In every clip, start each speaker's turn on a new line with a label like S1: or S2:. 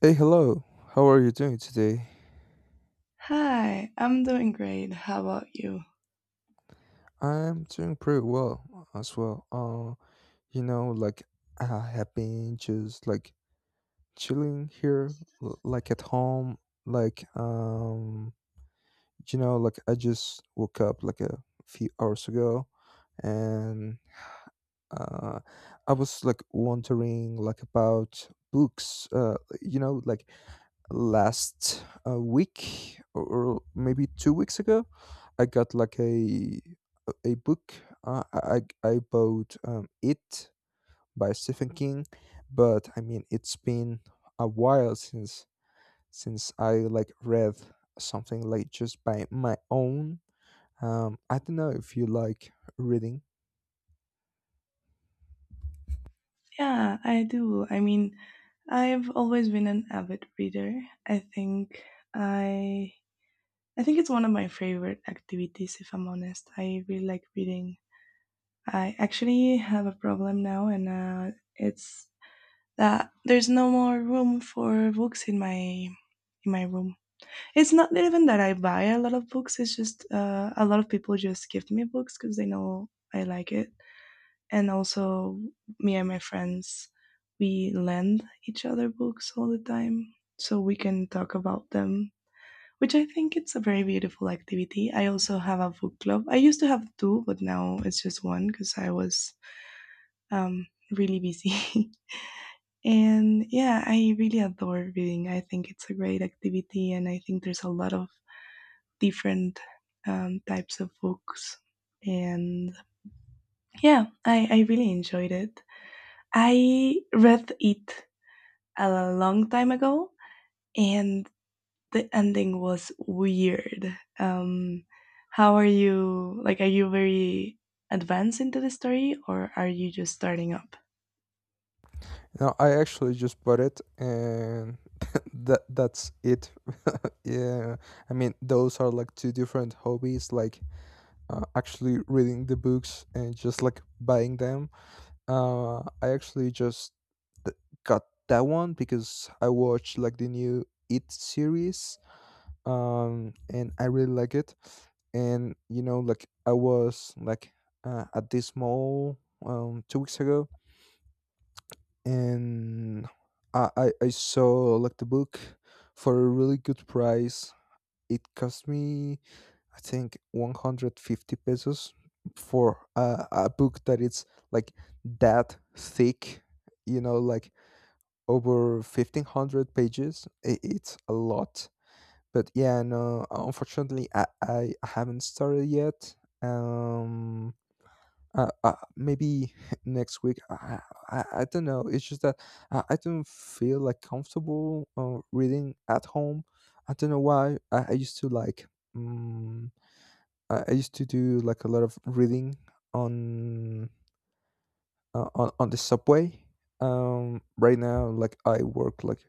S1: Hey, hello. How are you doing today?
S2: Hi, I'm doing great. How about you?
S1: I'm doing pretty well as well. Like I have been just like chilling here, like at home. Like um, like I just woke up like a few hours ago, and uh, I was like wondering like about books. Like last week, or maybe 2 weeks ago I got like a book I bought it by Stephen King, but I mean it's been a while since I like read something like just by my own. I don't know if you like reading.
S2: Yeah, I do. I mean, I've always been an avid reader. I think I I think it's one of my favorite activities if I'm honest. I really like reading. I actually have a problem now, and it's that there's no more room for books in my room. It's not even that I buy a lot of books, it's just a lot of people just gift me books because they know I like it, and also me and my friends, we lend each other books all the time so we can talk about them, which I think it's a very beautiful activity. I also have a book club. I used to have two, but now it's just one because I was really busy. And yeah, I really adore reading. I think it's a great activity, and I think there's a lot of different types of books. And yeah, I really enjoyed it. I read it a long time ago, and the ending was weird. How are you? Like, are you very advanced into the story, or are you just starting up?
S1: No, I actually just bought it and that's it. Yeah, I mean those are like two different hobbies, like actually reading the books and just like buying them. I actually just th- got that one because I watched like the new It series, and I really like it. And you know, like I was like at this mall 2 weeks ago, and I saw like the book for a really good price. It cost me, I think, 150 pesos for a book that it's like that thick, you know, like over 1,500 pages. I it's a lot. But yeah, no, unfortunately, I haven't started yet. Um, Maybe next week. I don't know. It's just that I don't feel like comfortable reading at home. I don't know why. I used to like. mm, I used to do like a lot of reading on on the subway. Right now, like I work like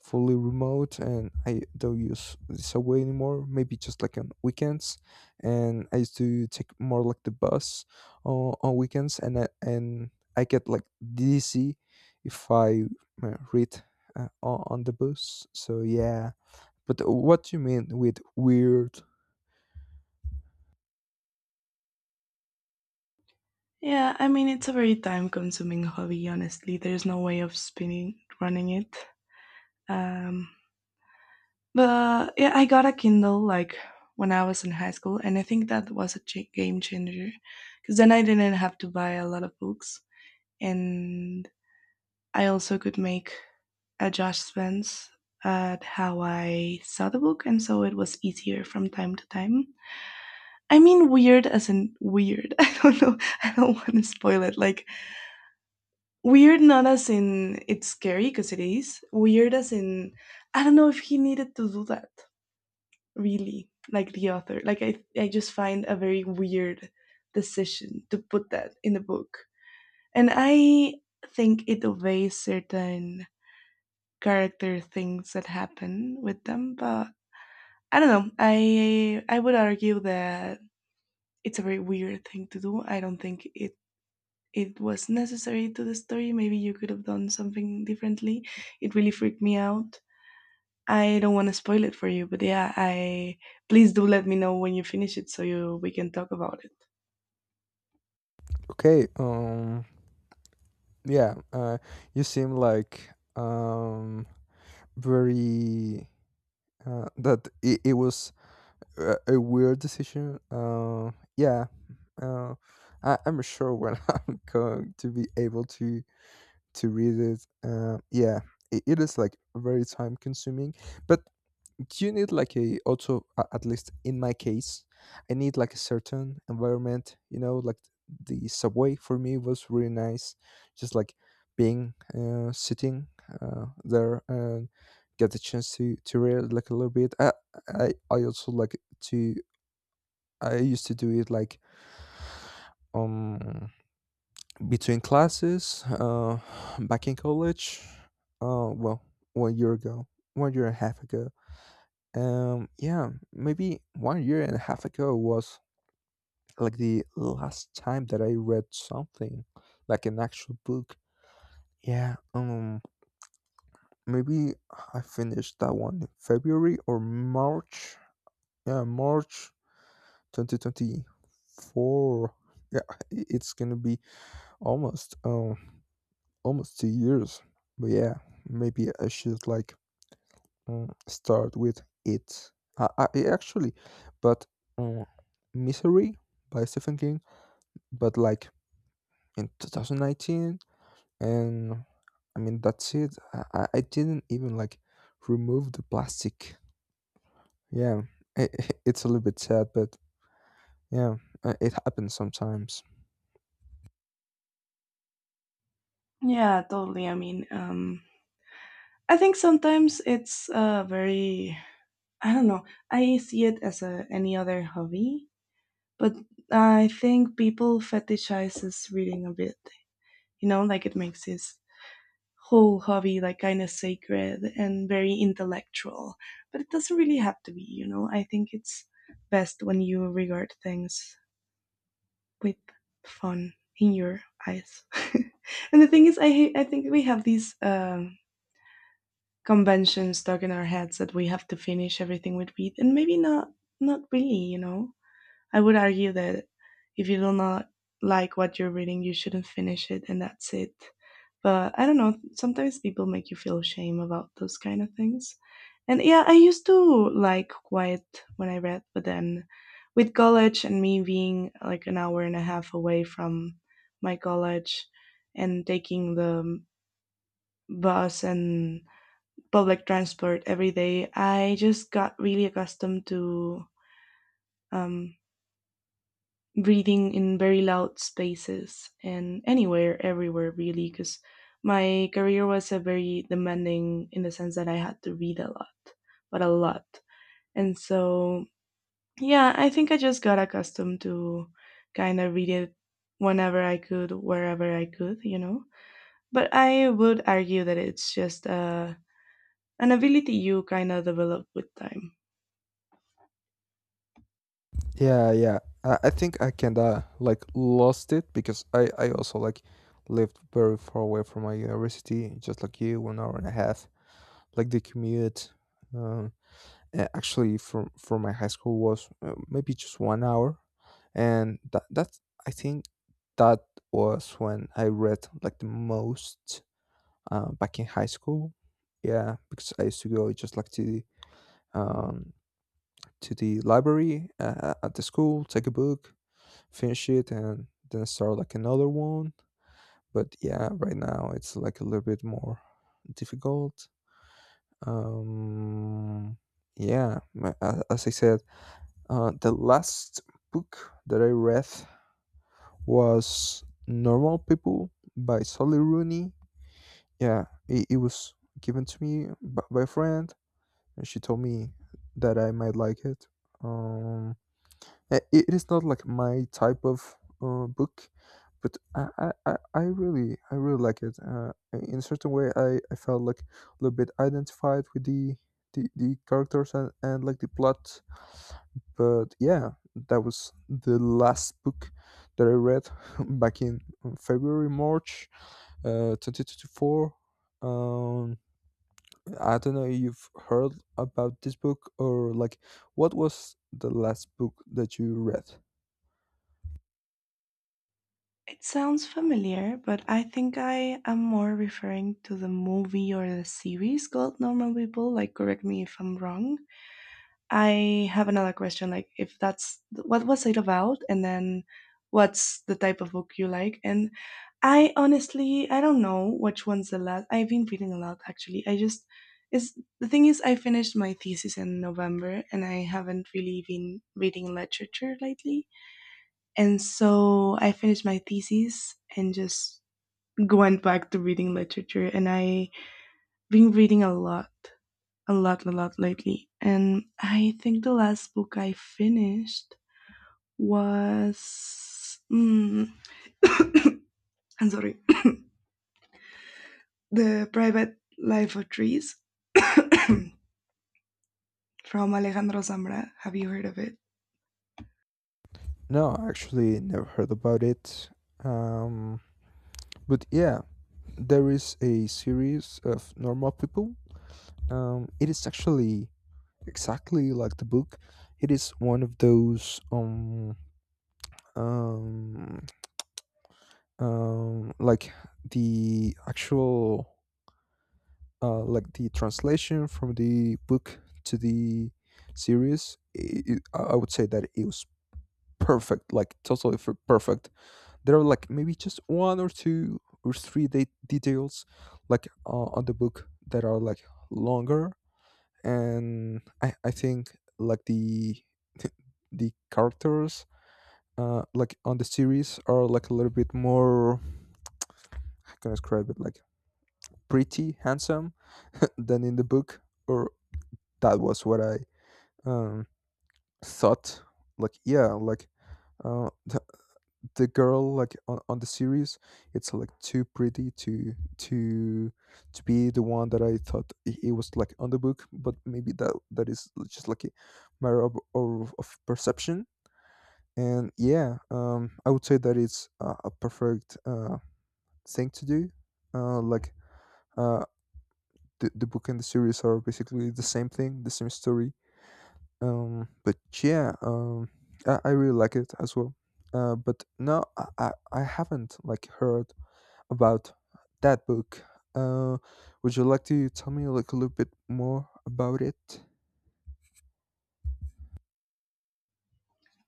S1: fully remote, and I don't use the subway anymore. Maybe just like on weekends, and I used to take more like the bus on weekends, and and I get like dizzy if I read on the bus. So yeah. But what do you mean with weird?
S2: Yeah, I mean, it's a very time-consuming hobby. Honestly, there's no way of spinning running it. Um, but yeah, I got a Kindle like when I was in high school, and I think that was a game changer because then I didn't have to buy a lot of books, and I also could make adjustments at how I saw the book, and so it was easier from time to time. I mean, weird as in weird. I don't know. I don't want to spoil it. Like, weird, not as in it's scary, because it is. Weird as in, I don't know if he needed to do that, really. Like, the author. Like, I just find a very weird decision to put that in the book. And I think it obeys certain character things that happen with them, but I don't know. I would argue that it's a very weird thing to do. I don't think it was necessary to the story. Maybe you could have done something differently. It really freaked me out. I don't want to spoil it for you, but yeah, I, please do let me know when you finish it so you we can talk about it.
S1: Okay. Yeah, you seem like um, very that it was a weird decision. Yeah, uh, I'm sure when I'm going to be able to read it. Yeah, it is like very time consuming, but do you need like a also at least in my case I need like a certain environment, you know, like the subway for me was really nice, just like being sitting there and get the chance to read like a little bit. I, I also like to I used to do it like um between classes back in college. uh well 1 year ago, 1 year and a half ago. Yeah, maybe 1 year and a half ago was like the last time that I read something, like an actual book. Yeah, maybe I finished that one in February or March. Yeah, March 2024. Yeah, it's gonna be almost almost 2 years. But yeah, maybe I should like start with it. I actually, but mm, Misery by Stephen King, but like in 2019, and I mean that's it. I didn't even like remove the plastic. Yeah, I it's a little bit sad, but yeah, it happens sometimes.
S2: Yeah, totally. I mean, I think sometimes it's very, I don't know. I see it as a any other hobby, but I think people fetishizes reading a bit. You know, like it makes his whole hobby like kind of sacred and very intellectual. But it doesn't really have to be. You know, I think it's best when you regard things with fun in your eyes. And the thing is, I hate, I think we have these. Conventions stuck in our heads that we have to finish everything with read, and maybe not, not really, you know, I would argue that if you do not like what you're reading, you shouldn't finish it, and that's it. But I don't know. Sometimes people make you feel shame about those kind of things. And yeah, I used to like quiet when I read, but then with college and me being like an hour and a half away from my college and taking the bus and public transport every day, I just got really accustomed to um, breathing in very loud spaces and anywhere, everywhere, really, because my career was a very demanding in the sense that I had to read a lot, but a lot. And so, yeah, I think I just got accustomed to kind of read it whenever I could, wherever I could, you know. But I would argue that it's just an ability you kind of develop with time.
S1: Yeah, yeah. I think I kind of like lost it because I also like lived very far away from my university, just like you, 1 hour and a half. Like the commute, um, actually from my high school was maybe just 1 hour, and that's I think that was when I read like the most, back in high school. Yeah, because I used to go just like um, to the library at the school, take a book, finish it, and then start like another one. But yeah, right now it's like a little bit more difficult. Um, yeah, ma- a- As I said, the last book that I read was Normal People by Sally Rooney. Yeah, it was given to me by a friend, and she told me that I might like it. Um, It it is not like my type of book, but I really I really like it. In a certain way, I felt like a little bit identified with the the characters and like the plot. But yeah, that was the last book that I read back in February March, 2024. um. I don't know if you've heard about this book, or like, what was the last book that you read?
S2: It sounds familiar, but I think I am more referring to the movie or the series called Normal People. Like, correct me if I'm wrong. I have another question. Like, if that's what was it about, and then what's the type of book you like? And I honestly, I don't know which one's the last. I've been reading a lot actually. I just is the thing is I finished my thesis in November, and I haven't really been reading literature lately, and so I finished my thesis and just went back to reading literature. And I've been reading a lot, a lot, a lot lately. And I think the last book I finished was. Mm, I'm sorry. The Private Life of Trees from Alejandro Zambra. Have you heard of it?
S1: No, I actually never heard about it. Um, but yeah, there is a series of Normal People. It is actually exactly like the book. It is one of those, um like, the actual, like, the translation from the book to the series, I would say that it was perfect, like totally perfect. There are, like, maybe just one or two or three details, like, on the book that are like longer, and I think like the the characters like on the series are like a little bit more, I can describe it like pretty handsome, than in the book, or that was what I, um, thought. Like, yeah, like, uh, the, the girl like on the series, it's like too pretty to to be the one that I thought it was like on the book, but maybe that that is just like a matter of perception. And yeah, I would say that it's a perfect, thing to do. Like, uh, the book and the series are basically the same thing, the same story. But yeah, I really like it as well. But no, I, I haven't like heard about that book. Uh, would you like to tell me like a little bit more about it?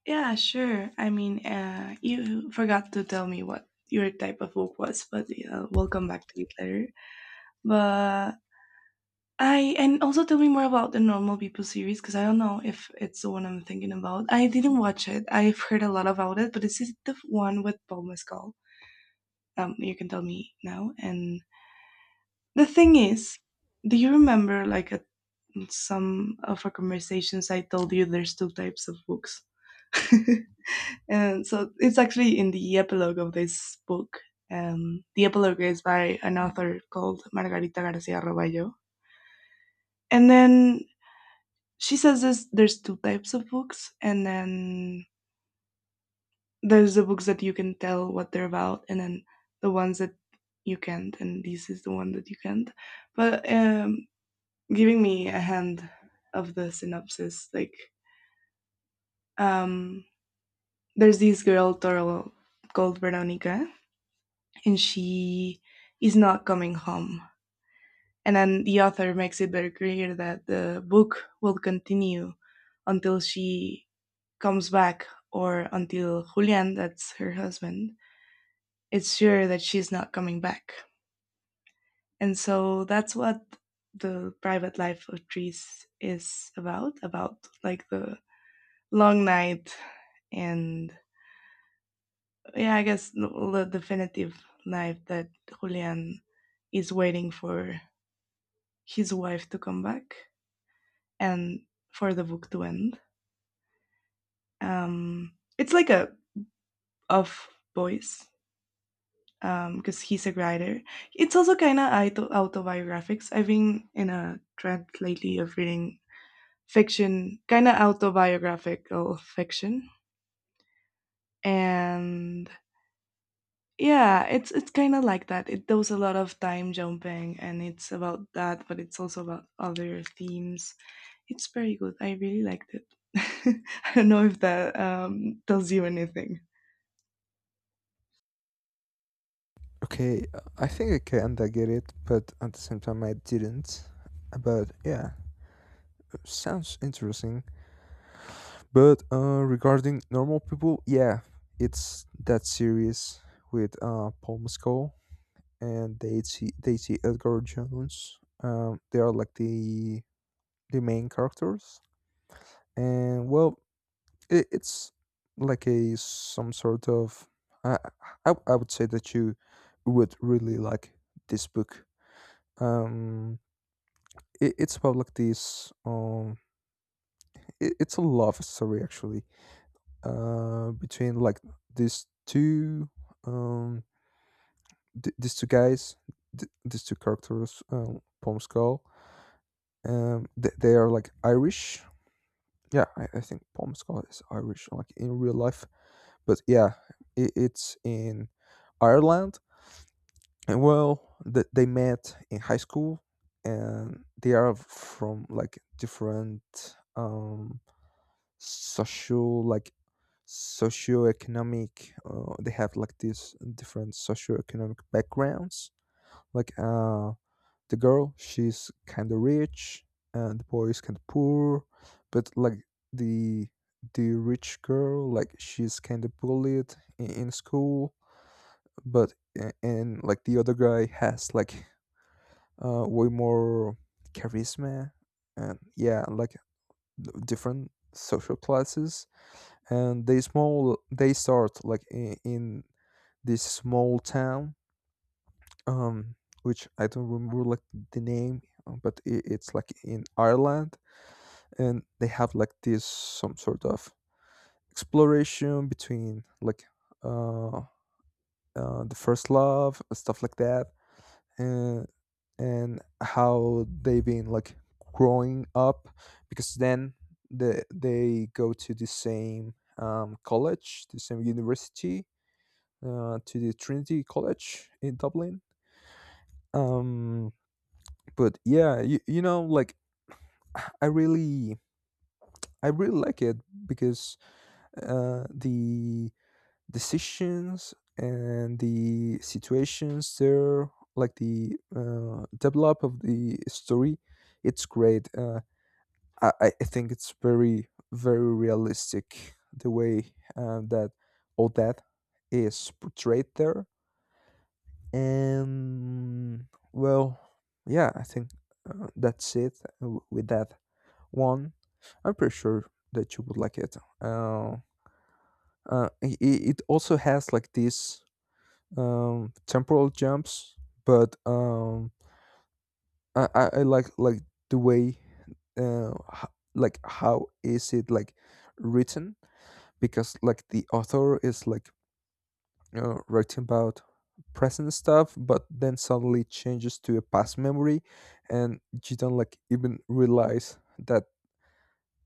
S2: Yeah, sure. I mean, you forgot to tell me what your type of book was, but we'll come back to it later. But I, and also tell me more about the Normal People series because I don't know if it's the one I'm thinking about. I didn't watch it. I've heard a lot about it, but is it the one with Paul Mescal? You can tell me now. And the thing is, do you remember like a, some of our conversations? I told you there's two types of books. And so it's actually in the epilogue of this book. The epilogue is by an author called Margarita Garcia Roballo. And then she says this, there's two types of books, and then there's the books that you can tell what they're about, and then the ones that you can't, and this is the one that you can't. But giving me a hand of the synopsis, like um, there's this girl, Toro, called Veronica, and she is not coming home. And then the author makes it very clear that the book will continue until she comes back or until Julian, that's her husband, is sure that she's not coming back. And so that's what the private life of trees is about like the long night, and yeah, I guess the definitive life that Julian is waiting for his wife to come back and for the book to end. It's like a of boys because he's a writer. It's also kind of autobiographics. I've been in a trend lately of reading fiction, kind of autobiographical fiction, and yeah, it's kind of like that. It does a lot of time jumping, and it's about that, but it's also about other themes. It's very good. I really liked it. I don't know if that tells you anything.
S1: Okay, I think I kinda get it, but at the same time I didn't. But yeah, sounds interesting. But regarding Normal People, yeah, it's that series with Paul Mescal and Daisy Edgar Jones. They are like the main characters, and well, it's like a, some sort of, I, I would say that you would really like this book. Um, it's about like this, it's a love story actually, between like these two, um, these two guys, these two characters, Palm Skull. They are like Irish. Yeah, I think Palm Skull is Irish, like in real life. But yeah, it's in Ireland. And well, they met in high school, and they are from like different, social, like, socioeconomic, they have like these different socioeconomic backgrounds, like, the girl, she's kind of rich, and the boy is kind of poor, but like, the the rich girl, like, she's kind of bullied in school, but and like the other guy has like way more charisma. And yeah, like, d- different social classes, and they small they start like in this small town, um, which I don't remember like the name, but I it's like in Ireland, and they have like this some sort of exploration between like, uh, the first love, stuff like that, and and how they been like growing up, because then they go to the same, college, the same university, to the Trinity College in Dublin. Um, but yeah, you know, like, I really I really like it because, the decisions and the situations there, like the, develop of the story, it's great. I think it's very realistic the way that all that is portrayed there. And well, yeah, I think, that's it with that one. I'm pretty sure that you would like it. It, it also has like these, temporal jumps, but I like the way, uh, h- like, how is it like written, because like the author is like, writing about present stuff, but then suddenly changes to a past memory, and you don't like even realize that.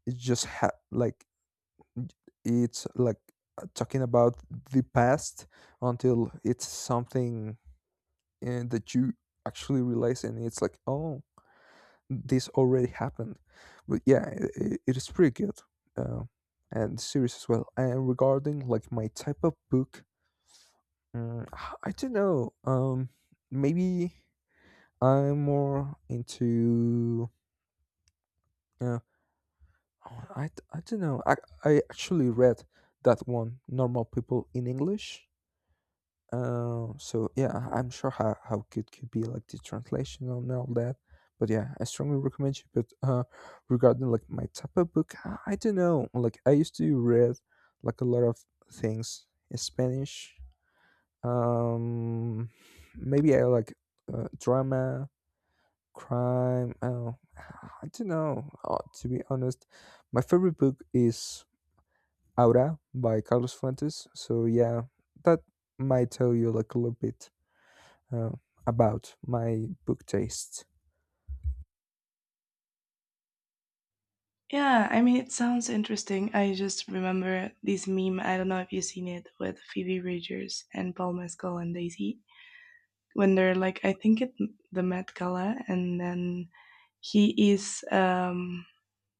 S1: It just like, j- it's like, talking about the past until it's something, that you actually realize and it's like, oh, this already happened. But yeah, it is pretty good, uh, and series as well. And regarding like my type of book, Mm, I don't know. Maybe I'm more into. Uh, I don't know. I actually read that one, Normal People, in English. So yeah, I'm sure how good could be like the translation and all that. But yeah, I strongly recommend you. But regarding like my type of book, I don't know. Like I used to read like a lot of things in Spanish. Um, maybe I like, drama, crime. Oh, I don't know. To be honest, my favorite book is Aura by Carlos Fuentes. So yeah, that might tell you like a little bit, uh, about my book taste.
S2: Yeah, I mean, it sounds interesting. I just remember this meme. I don't know if you've seen it, with Phoebe Bridgers and Paul Mescal and Daisy, when they're like, I think it the Met Gala, and then he is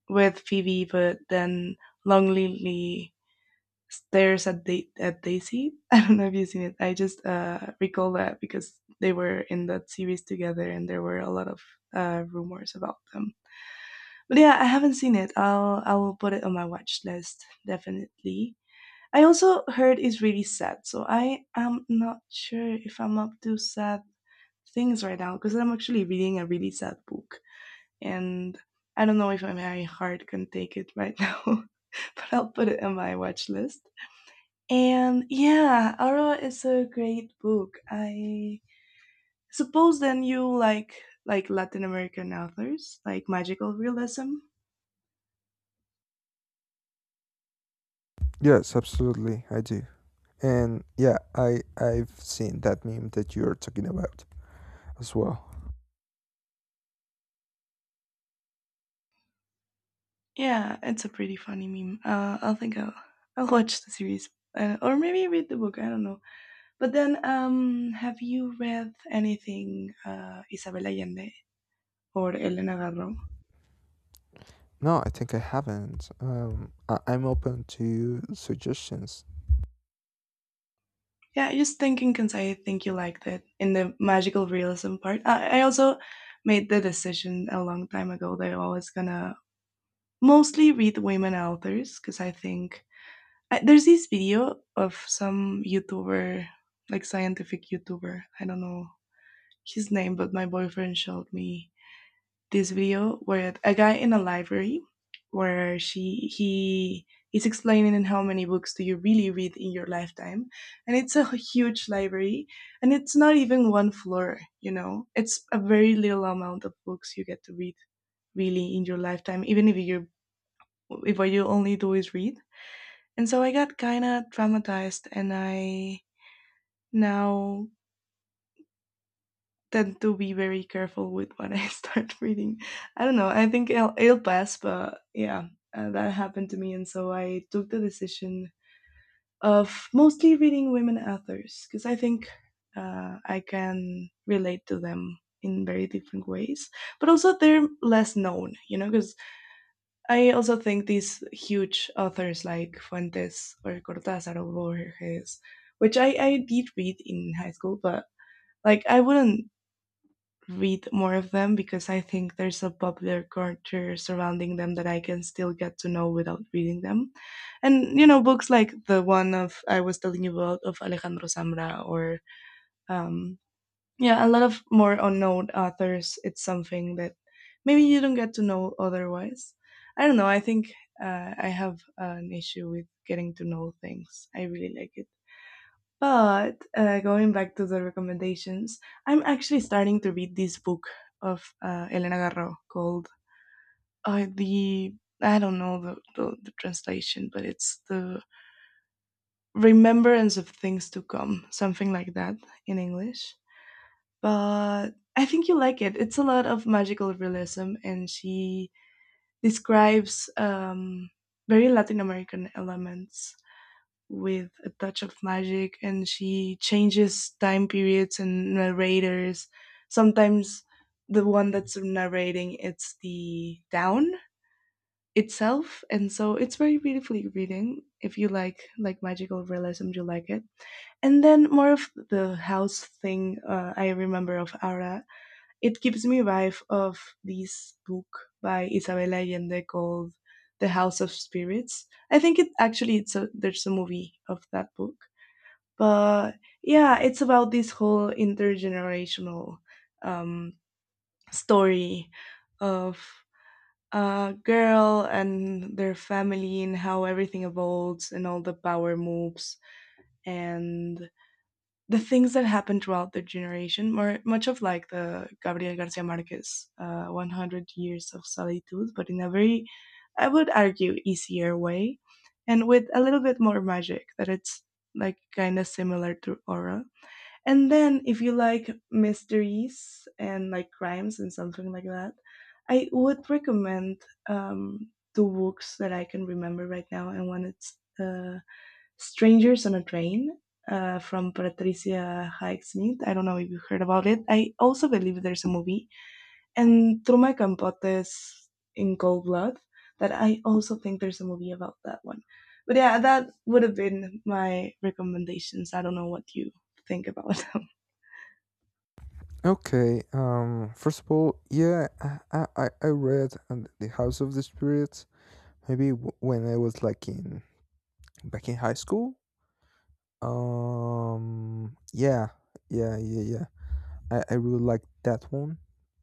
S2: with Phoebe, but then Long Lily Stairs at at Daisy. I don't know if you've seen it. I just recall that because they were in that series together, and there were a lot of rumors about them. But yeah, I haven't seen it. I will put it on my watch list definitely. I also heard it's really sad, so I am not sure if I'm up to sad things right now because I'm actually reading a really sad book, and I don't know if my heart can take it right now. But I'll put it on my watch list. And yeah, Aura is a great book. I suppose then you like Latin American authors, like magical realism.
S1: Yes, absolutely, I do. And yeah, I I've seen that meme that you're talking about as well.
S2: Yeah, it's a pretty funny meme. I'll think I'll watch the series. Or maybe read the book. I don't know. But then, have you read anything Isabel Allende or Elena Garro?
S1: No, I think I haven't. I'm open to suggestions.
S2: Yeah, just thinking because I think you liked it in the magical realism part. I also made the decision a long time ago that I was gonna mostly read women authors because I think I, there's this video of some YouTuber, like scientific YouTuber. I don't know his name, but my boyfriend showed me this video where a guy in a library where she he is explaining how many books do you really read in your lifetime, and it's a huge library, and it's not even one floor. You know, it's a very little amount of books you get to read really in your lifetime, even if you're if what you only do is read. And so I got kind of traumatized, and I now tend to be very careful with what I start reading. I don't know. I think it'll pass, but yeah, that happened to me, and so I took the decision of mostly reading women authors because I think I can relate to them in very different ways. But also, they're less known, you know, because I also think these huge authors like Fuentes or Cortázar or Borges, which I did read in high school, but like I wouldn't read more of them because I think there's a popular culture surrounding them that I can still get to know without reading them. And you know, books like the one of I was telling you about of Alejandro Samra or um yeah, a lot of more unknown authors. It's something that maybe you don't get to know otherwise. I don't know. I think I have an issue with getting to know things. I really like it. But going back to the recommendations, I'm actually starting to read this book of Elena Garro called the I don't know the translation, but it's the Remembrance of Things to Come, something like that in English, but I think you like it. It's a lot of magical realism, and she describes very Latin American elements with a touch of magic, and she changes time periods and narrators. Sometimes the one that's narrating it's the town itself, and so it's very beautifully reading. If you like magical realism, you like it. And then more of the house thing, I remember of Aura. It gives me vibe of this book by Isabel Allende called The House of Spirits. I think it actually it's a there's a movie of that book. But yeah, it's about this whole intergenerational um, story of a girl and their family, and how everything evolves and all the power moves and the things that happened throughout the generation, more, much of like the Gabriel Garcia Marquez 100 Years of Solitude, but in a very, I would argue, easier way, and with a little bit more magic that it's like kind of similar to Aura. And then if you like mysteries and like crimes and something like that, I would recommend two books that I can remember right now. And one it's Strangers on a Train, from Patricia Highsmith. I don't know if you heard about it. I also believe there's a movie. And through my Campotes in Cold Blood, that I also think there's a movie about that one. But yeah, that would have been my recommendations. I don't know what you think about them.
S1: Okay. First of all, yeah, I read on the House of the Spirits, maybe when I was like in, back in high school. Yeah. Yeah. Yeah. Yeah. I really like that one,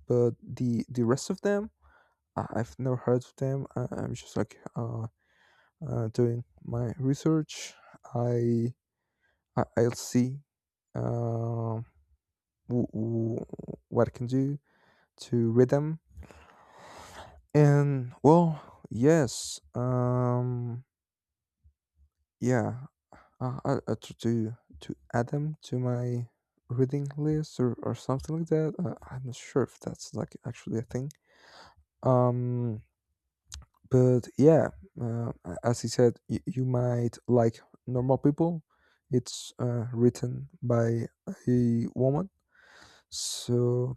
S1: but the rest of them, I've never heard of them. I'm just like, doing my research. I, I'll see, um w- w- what I can do to read them. And well, yes, yeah, I try to add them to my reading list, or something like that. I'm not sure if that's like actually a thing. Um, but yeah, as he said, you might like Normal People. It's written by a woman, so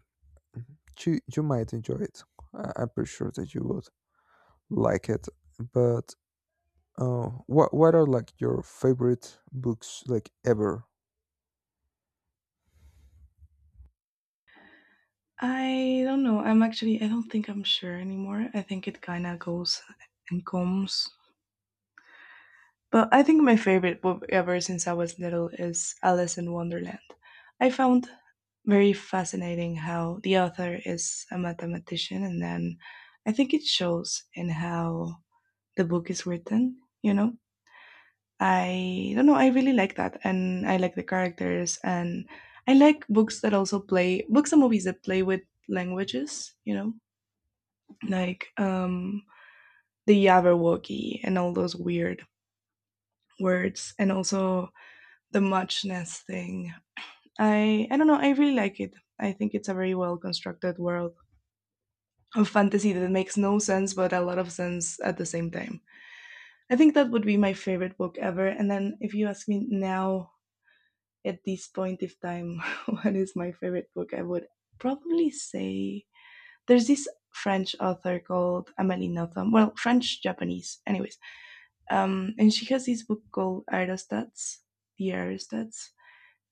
S1: you might enjoy it. I'm pretty sure that you would like it, but, oh, what are like your favorite books, like, ever?
S2: I don't know. I'm actually, I don't think I'm sure anymore. I think it kind of goes and comes. But I think my favorite book ever since I was little is Alice in Wonderland. I found very fascinating how the author is a mathematician, and then I think it shows in how the book is written, you know? I don't know, I really like that, and I like the characters, and I like books that also play, books and movies that play with languages, you know? Like the Jabberwocky and all those weird words, and also the muchness thing. I don't know. I really like it. I think it's a very well constructed world of fantasy that makes no sense but a lot of sense at the same time. I think that would be my favorite book ever. And then if you ask me now at this point of time what is my favorite book, I would probably say there's this French author called Amélie Nothomb. Well, French Japanese, anyways. And she has this book called Aerostats, the Aerostats,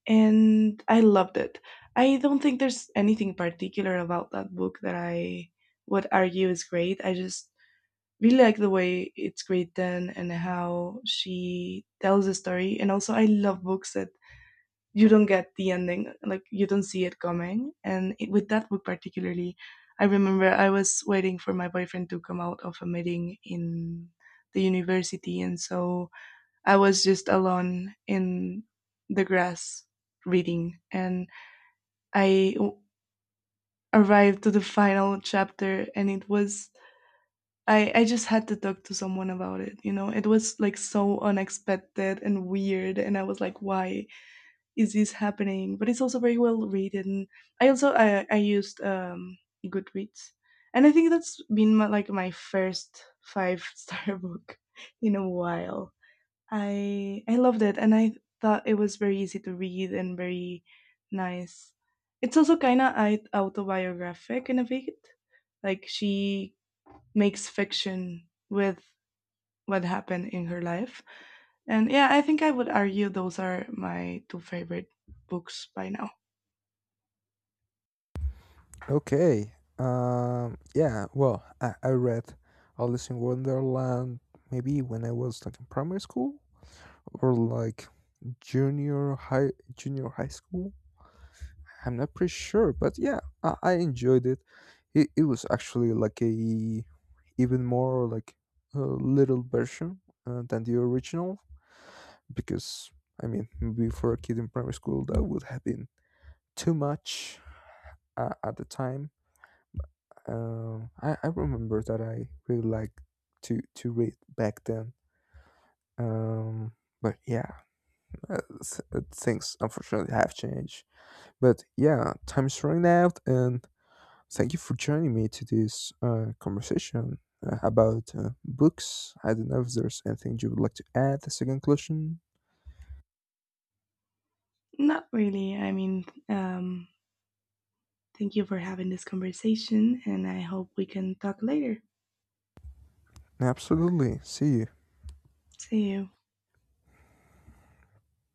S2: and I loved it. I don't think there's anything particular about that book that I would argue is great. I just really like the way it's great done and how she tells the story. And also, I love books that you don't get the ending, like you don't see it coming. And it, with that book particularly, I remember I was waiting for my boyfriend to come out of a meeting in the university, and so I was just alone in the grass reading, and I arrived to the final chapter, and it was I just had to talk to someone about it, you know. It was like so unexpected and weird, and I was like, "Why is this happening?" But it's also very well written. I also I used Goodreads, and I think that's been my, like my first five star book in a while. I loved it, and I thought it was very easy to read and very nice. It's also kind of autobiographic in a way. Like she makes fiction with what happened in her life, and yeah, I think I would argue those are my two favorite books by now.
S1: Okay. Yeah, well, I read Alice in Wonderland maybe when I was like in primary school, or like junior high junior high school. I'm not pretty sure, but yeah, I enjoyed it. It was actually like a, even more like a little version, than the original, because I mean, maybe for a kid in primary school that would have been too much, at the time. I remember that I really liked to read back then. Um, but yeah, things unfortunately have changed. But yeah, time's running out, and thank you for joining me to this, conversation, about, books. I don't know if there's anything you would like to add as a conclusion.
S2: Not really. I mean, thank you for having this conversation, and I hope we can talk later.
S1: Absolutely. See you.
S2: See you.